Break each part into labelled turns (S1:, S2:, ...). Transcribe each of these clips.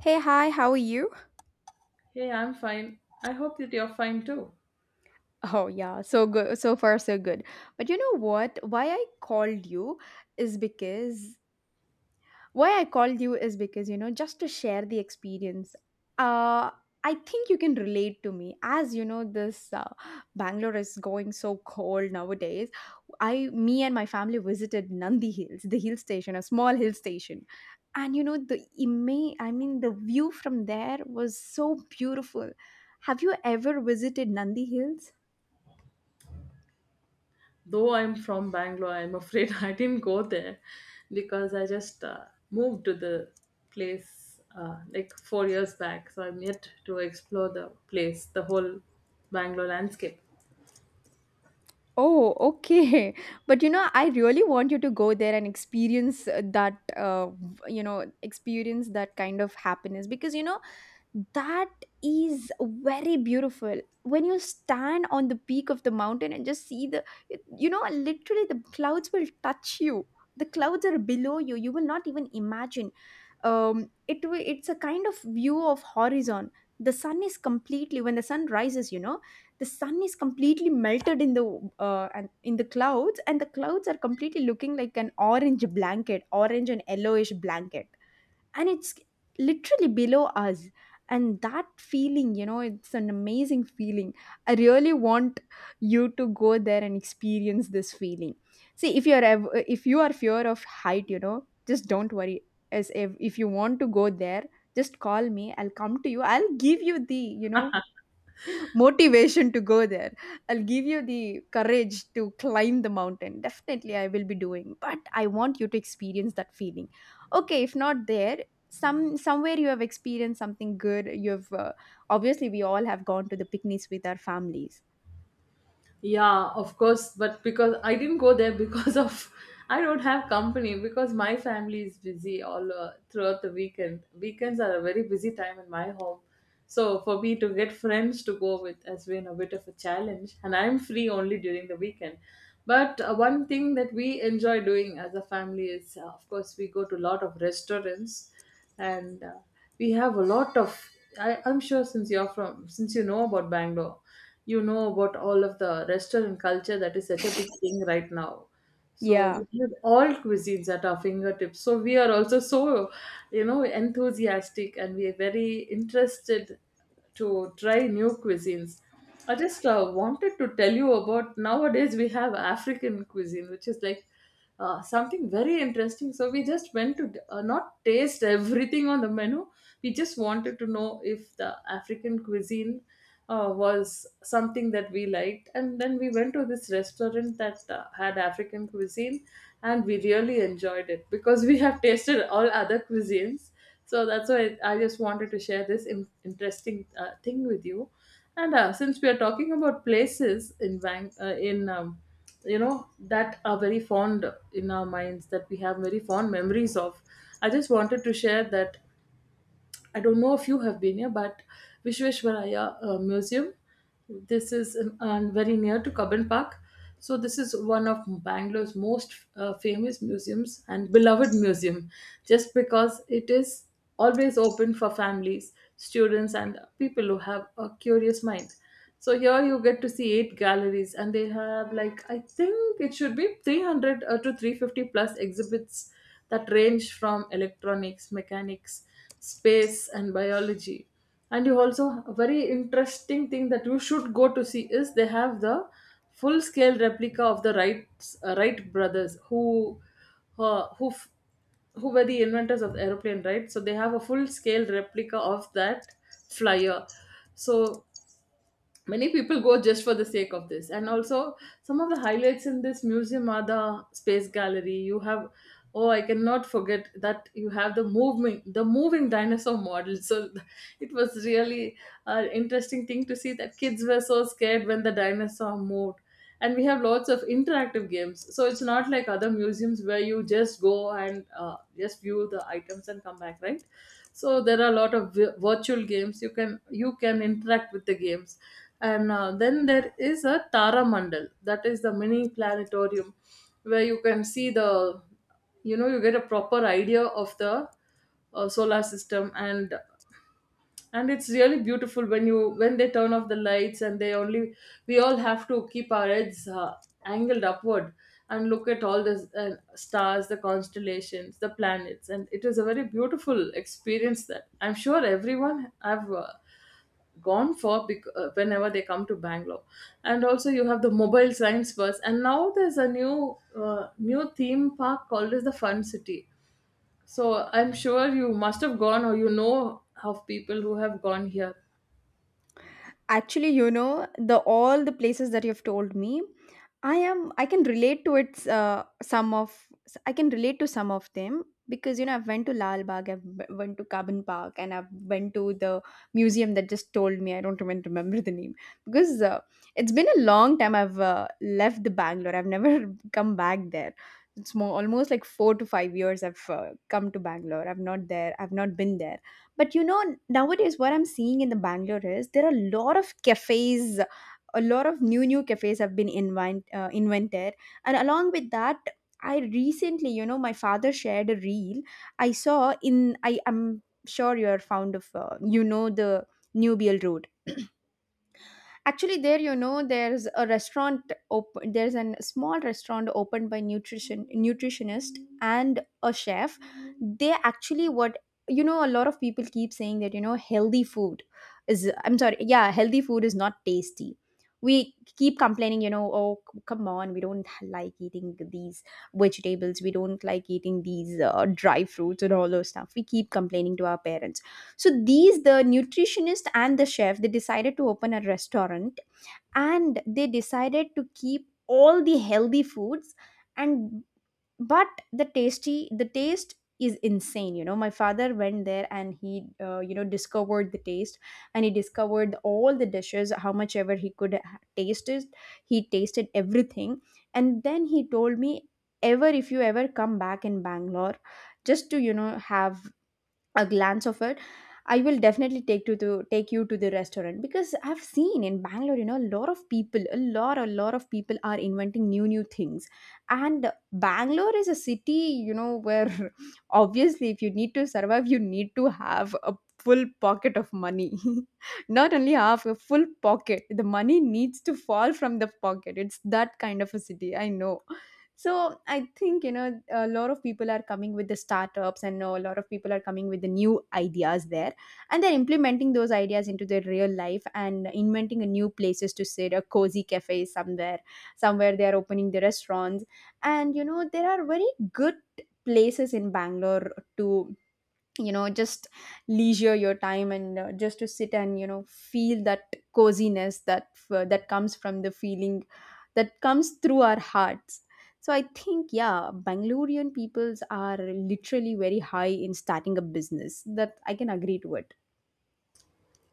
S1: Hey, hi, how are you?
S2: Hey, I'm fine. I hope that you're fine too.
S1: Oh, yeah, so good. So far, so good. But you know what? Is because why I called you is because you know just to share the experience. Uh, I think you can relate to me as you know this Bangalore is going so cold nowadays. Me and my family visited Nandi Hills, the hill station, a small hill station, and you know I mean the view from there was so beautiful. Have you ever visited Nandi Hills?
S2: Though I'm from Bangalore, I'm afraid I didn't go there because I just moved to the place like 4 years back. So I'm yet to explore the place, the whole Bangalore landscape.
S1: Oh, okay. But you know, I really want you to go there and experience you know, experience that kind of happiness because you know, that is very beautiful when you stand on the peak of the mountain and just see the you know literally the clouds will touch you, the clouds are below you, you will not even imagine. It's a kind of view of horizon. The sun is completely, when the sun rises, you know, the sun is completely melted in the and in the clouds, and the clouds are completely looking like an orange blanket, orange and yellowish blanket, and it's literally below us. And that feeling, you know, it's an amazing feeling. I really want you to go there and experience this feeling. See, if you are fear of height, you know, just don't worry. As If you want to go there, just call me, I'll come to you, I'll give you the you know motivation to go there. I'll give you the courage to climb the mountain. Definitely, I will be doing, but I want you to experience that feeling. Okay, if not there, somewhere you have experienced something good. You have obviously we all have gone to the picnics with our families.
S2: Yeah, of course, but because I didn't go there because of I don't have company because my family is busy all throughout the weekend. Weekends are a very busy time in my home. So for me to get friends to go with has been a bit of a challenge, and I'm free only during the weekend. But one thing that we enjoy doing as a family is of course we go to a lot of restaurants, and we have a lot of I'm sure, since you're from since you know about Bangalore, you know about all of the restaurant culture that is such a big thing right now. So
S1: Yeah,
S2: we have all cuisines at our fingertips, so we are also so enthusiastic, and we are very interested to try new cuisines. I just wanted to tell you about, nowadays we have African cuisine, which is like something very interesting. So we just went to not taste everything on the menu. We just wanted to know if the African cuisine was something that we liked, and then we went to this restaurant that had African cuisine, and we really enjoyed it because we have tasted all other cuisines. So that's why I just wanted to share this interesting thing with you. And since we are talking about places in that are very fond in our minds, that we have very fond memories of, I just wanted to share that. I don't know if you have been here, but Vishveshwaraya Museum. This is very near to Cubbon Park. So this is one of Bangalore's most famous museums and beloved museum, just because it is always open for families, students, and people who have a curious mind. So here you get to see 8 galleries, and they have, like, I think it should be 300 to 350 plus exhibits that range from electronics, mechanics, space, and biology. And you also, a very interesting thing that you should go to see, is they have the full scale replica of the Wright brothers, who uh, who f- who were the inventors of the aeroplane, right? So they have a full scale replica of that flyer. So many people go just for the sake of this, and also some of the highlights in this museum are the space gallery. You have, oh, I cannot forget, that you have the moving dinosaur model. So it was really an interesting thing to see that kids were so scared when the dinosaur moved. And we have lots of interactive games, so it's not like other museums where you just go and just view the items and come back, right? So there are a lot of virtual games. You can, you can interact with the games. And then there is a tara mandal, that is the mini planetarium, where you can see the you get a proper idea of the solar system. And it's really beautiful when you when they turn off the lights, and they only, we all have to keep our heads angled upward and look at all the stars, the constellations, the planets. And it is a very beautiful experience that I'm sure everyone have gone for whenever they come to Bangalore. And also you have the mobile science bus, and now there's a new theme park called as the Fun City. So I'm sure you must have gone, or you know of people who have gone here.
S1: actually, you know, the all the places that you've told me, I can relate to it, some of I can relate to some of them because you know I've went to Lal Bagh, went to Cabin Park, and I've went to the museum that just told me. I don't even remember the name because it's been a long time I've left the Bangalore. I've never come back there. It's more almost like 4 to 5 years I've come to Bangalore. I've not been there, but you know, nowadays what I'm seeing in the Bangalore is there are a lot of cafes, a lot of new cafes have been invented, and along with that, I recently, you know, my father shared a reel I saw in. I am sure you're fond of, you know, the New Beale Road. Actually, there, you know, there's a restaurant open, there's a small restaurant opened by nutritionist and a chef. They actually what, you know, a lot of people keep saying that you know healthy food is, I'm sorry, yeah, healthy food is not tasty. We keep complaining, you know, oh, come on, we don't like eating these vegetables, we don't like eating these dry fruits and all those stuff, we keep complaining to our parents. So the nutritionist and the chef, they decided to open a restaurant, and they decided to keep all the healthy foods. And but the taste is insane, you know, my father went there and he you know discovered the taste, and he discovered all the dishes. How much ever he could taste it, he tasted everything. And then he told me, ever if you ever come back in Bangalore, just to you know have a glance of it, I will definitely the take you to the restaurant, because I've seen in Bangalore, you know, a lot of people, a lot of people are inventing new things. And Bangalore is a city, you know, where obviously if you need to survive, you need to have a full pocket of money. Not only half a full pocket, the money needs to fall from the pocket. It's that kind of a city, I know. So I think, you know, a lot of people are coming with the startups, and a lot of people are coming with the new ideas there, and they're implementing those ideas into their real life and inventing a new places to sit, a cozy cafe somewhere, somewhere they are opening the restaurants. And you know there are very good places in Bangalore to you know just leisure your time, and just to sit and you know feel that coziness that that comes from the feeling, that comes through our hearts. So I think, yeah, Bangalorean peoples are literally very high in starting a business, that I can agree to it.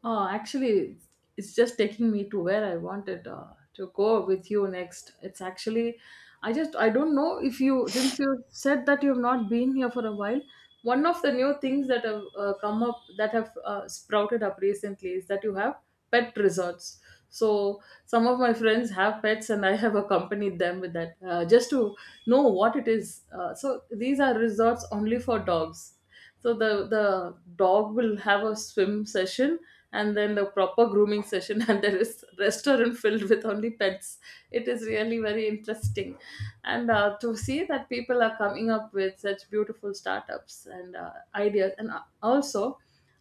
S2: Oh, actually, it's just taking me to where I wanted to go with you next. It's actually, I just, I don't know if you, since you said that you have not been here for a while, one of the new things that have come up, that have sprouted up recently, is that you have pet resorts. So some of my friends have pets, and I have accompanied them with that just to know what it is. So these are resorts only for dogs. So the dog will have a swim session, and then the proper grooming session, and there is restaurant filled with only pets. It is really very interesting. And to see that people are coming up with such beautiful startups and ideas. And also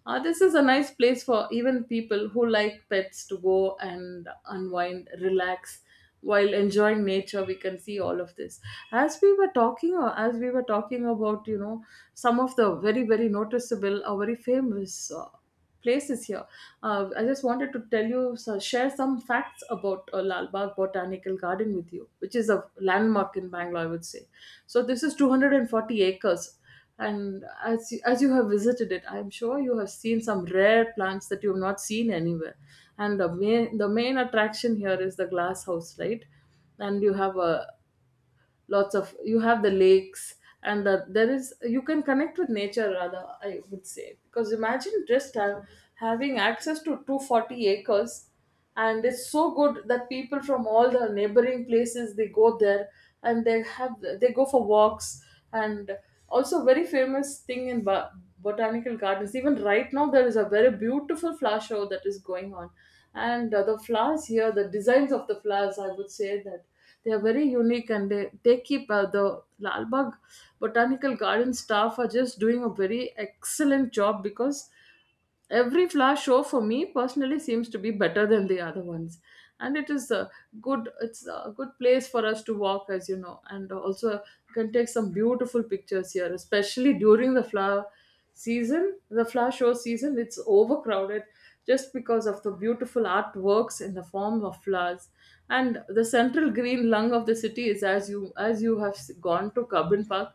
S2: this is a nice place for even people who like pets to go and unwind, relax while enjoying nature. We can see all of this. As we were talking, or as we were talking about, some of the very, very noticeable or very famous places here. I just wanted to tell you, so share some facts about Lal Bagh Botanical Garden with you, which is a landmark in Bangalore, I would say. So this is 240 acres, and as you have visited it, I'm sure you have seen some rare plants that you've not seen anywhere. And the main, the main attraction here is the glass house, right? And you have a lots of, you have the lakes, and the, there is you can connect with nature, rather, I would say, because imagine just having access to 240 acres. And it's so good that people from all the neighboring places, they go there, and they have, they go for walks. And also very famous thing in botanical gardens, even right now, there is a very beautiful flower show that is going on. And the flowers here, the designs of the flowers, I would say that they are very unique. And they keep the Lalbagh Botanical Garden staff are just doing a very excellent job, because every flower show for me personally seems to be better than the other ones. And it is a good it's a good place for us to walk, as you know. And also you can take some beautiful pictures here, especially during the flower season, the flower show season. It's overcrowded just because of the beautiful artworks in the form of flowers. And the central green lung of the city is, as you, as you have gone to Cabin Park.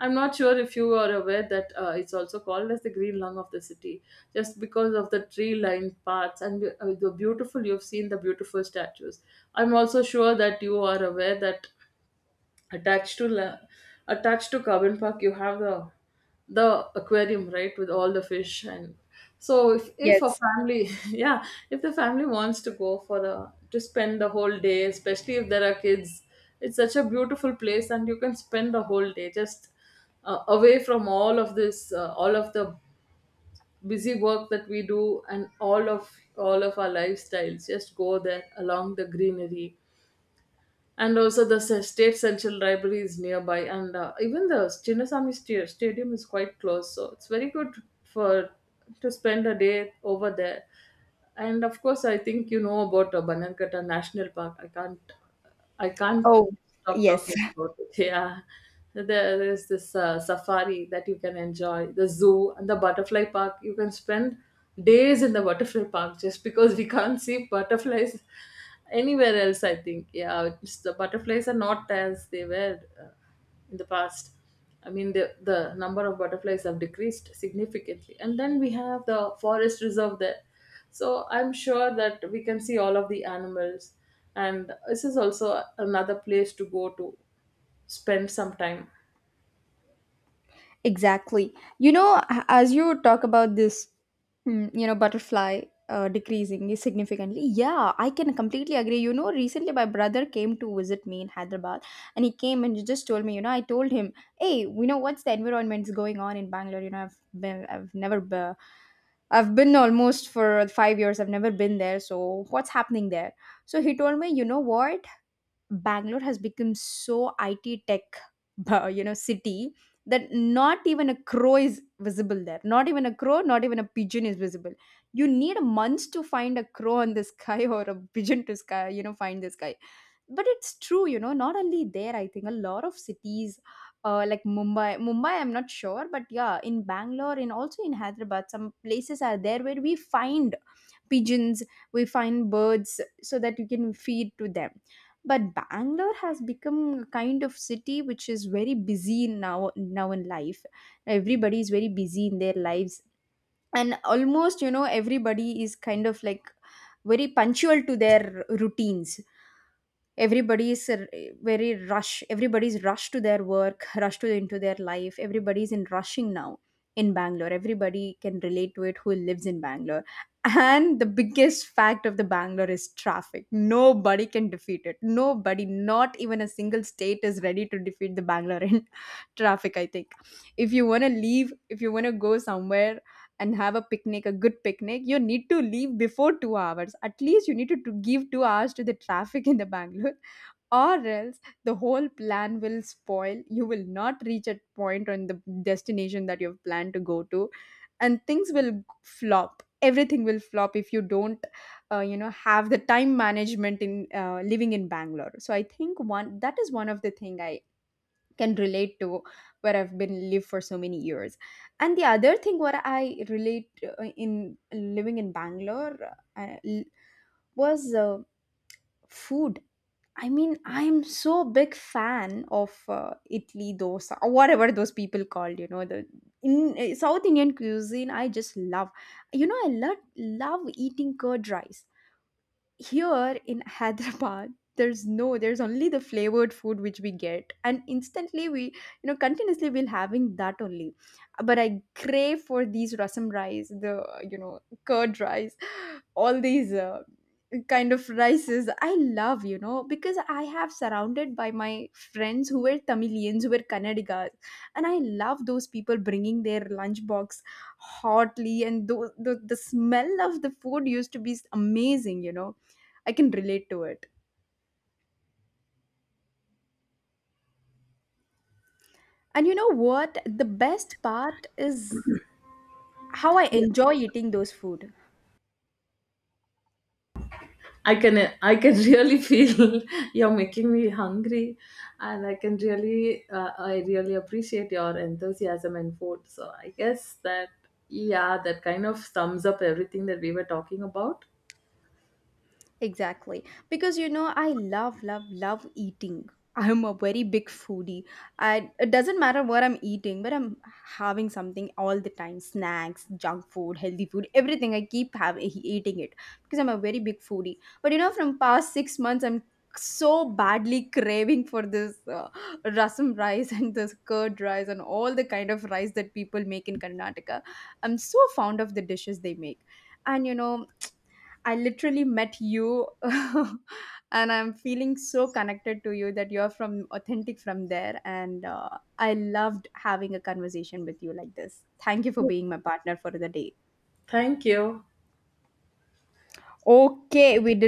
S2: I'm not sure if you are aware that it's also called as the green lung of the city, just because of the tree-lined paths and the beautiful. You've seen the beautiful statues. I'm also sure that you are aware that attached to la- attached to carbon park, you have the aquarium, right, with all the fish. And so if a
S1: Yes.
S2: family yeah, if the family wants to go for a, to spend the whole day, especially if there are kids, it's such a beautiful place, and you can spend the whole day just away from all of this, all of the busy work that we do, and all of our lifestyles, just go there along the greenery. And also the state central library is nearby, and even the Chinnasamy stadium is quite close, so it's very good for to spend a day over there. And of course I think you know about Banankata National Park. I can't, I can't
S1: Oh,
S2: stop
S1: yes.
S2: talking about it. Yeah. So there is this safari that you can enjoy, the zoo and the butterfly park. You can spend days in the butterfly park just because we can't see butterflies anywhere else, I think. Yeah, it's, the butterflies are not as they were in the past. I mean, the number of butterflies have decreased significantly. And then we have the forest reserve there, so I'm sure that we can see all of the animals. And this is also another place to go to spend some time.
S1: Exactly. You know, as you talk about this, mm, you know, butterfly decreasing significantly, yeah, I can completely agree. You know, recently my brother came to visit me in Hyderabad, and he came and he just told me, you know, I told him, hey, you know, what's the environment's going on in Bangalore? I've never been. I've been almost for 5 years. I've never been there. So, what's happening there? So, he told me, you know what? Bangalore has become so IT tech, you know, city, that not even a crow is visible there. Not even a crow, not even a pigeon is visible. You need months to find a crow in the sky, or a pigeon to sky, you know, find the sky. But it's true, you know, not only there, I think a lot of cities Mumbai, I'm not sure, but yeah, in Bangalore and also in Hyderabad, some places are there where we find pigeons, we find birds so that you can feed to them. But Bangalore has become a kind of city which is very busy now, in life, everybody is very busy in their lives, and almost you know everybody is kind of like very punctual to their routines. Everybody is very rush, everybody's rushed to their work, into their life, everybody's in rushing now in Bangalore. Everybody can relate to it who lives in Bangalore. And the biggest fact of the Bangalore is traffic. Nobody can defeat it, nobody, not even a single state is ready to defeat the Bangalore in traffic, I think. If you want to leave, if you want to go somewhere and have a picnic, a good picnic, you need to leave before 2 hours. At least you need to give 2 hours to the traffic in the Bangalore, or else the whole plan will spoil. You will not reach a point on the destination that you've planned to go to, and things will flop. Everything will flop if you don't, you know, have the time management in living in Bangalore. So I think one that is one of the thing I can relate to, where I've been live for so many years. And the other thing what I relate in living in Bangalore, uh, l- was food. I mean, I am so big fan of Italy dosa, or whatever those people called. You know, the in South Indian cuisine, I just love. You know, I love, love eating curd rice. Here in Hyderabad there's no, there's only the flavored food which we get, and instantly we you know continuously we'll having that only. But I crave for these rasam rice, the you know curd rice, all these kind of rices I love, you know, because I have surrounded by my friends who were Tamilians, who were Kannadigas, and I love those people bringing their lunchbox hotly, and the smell of the food used to be amazing, you know, I can relate to it. And you know what? The best part is how I
S2: Yeah.
S1: enjoy eating those food.
S2: I can, I can really feel you're making me hungry. And I can really I really appreciate your enthusiasm and food. So I guess that, yeah, that kind of sums up everything that we were talking about.
S1: Exactly. Because you know, I love eating. I'm a very big foodie. I, it doesn't matter what I'm eating, but I'm having something all the time, snacks, junk food, healthy food, everything. I keep having eating it because I'm a very big foodie. But you know, from past 6 months, I'm so badly craving for this rasam rice, and this curd rice, and all the kind of rice that people make in Karnataka. I'm so fond of the dishes they make. And you know, I literally met you and I'm feeling so connected to you that you're from authentic from there. And I loved having a conversation with you like this. Thank you for being my partner for the day.
S2: Thank you.
S1: Okay, we did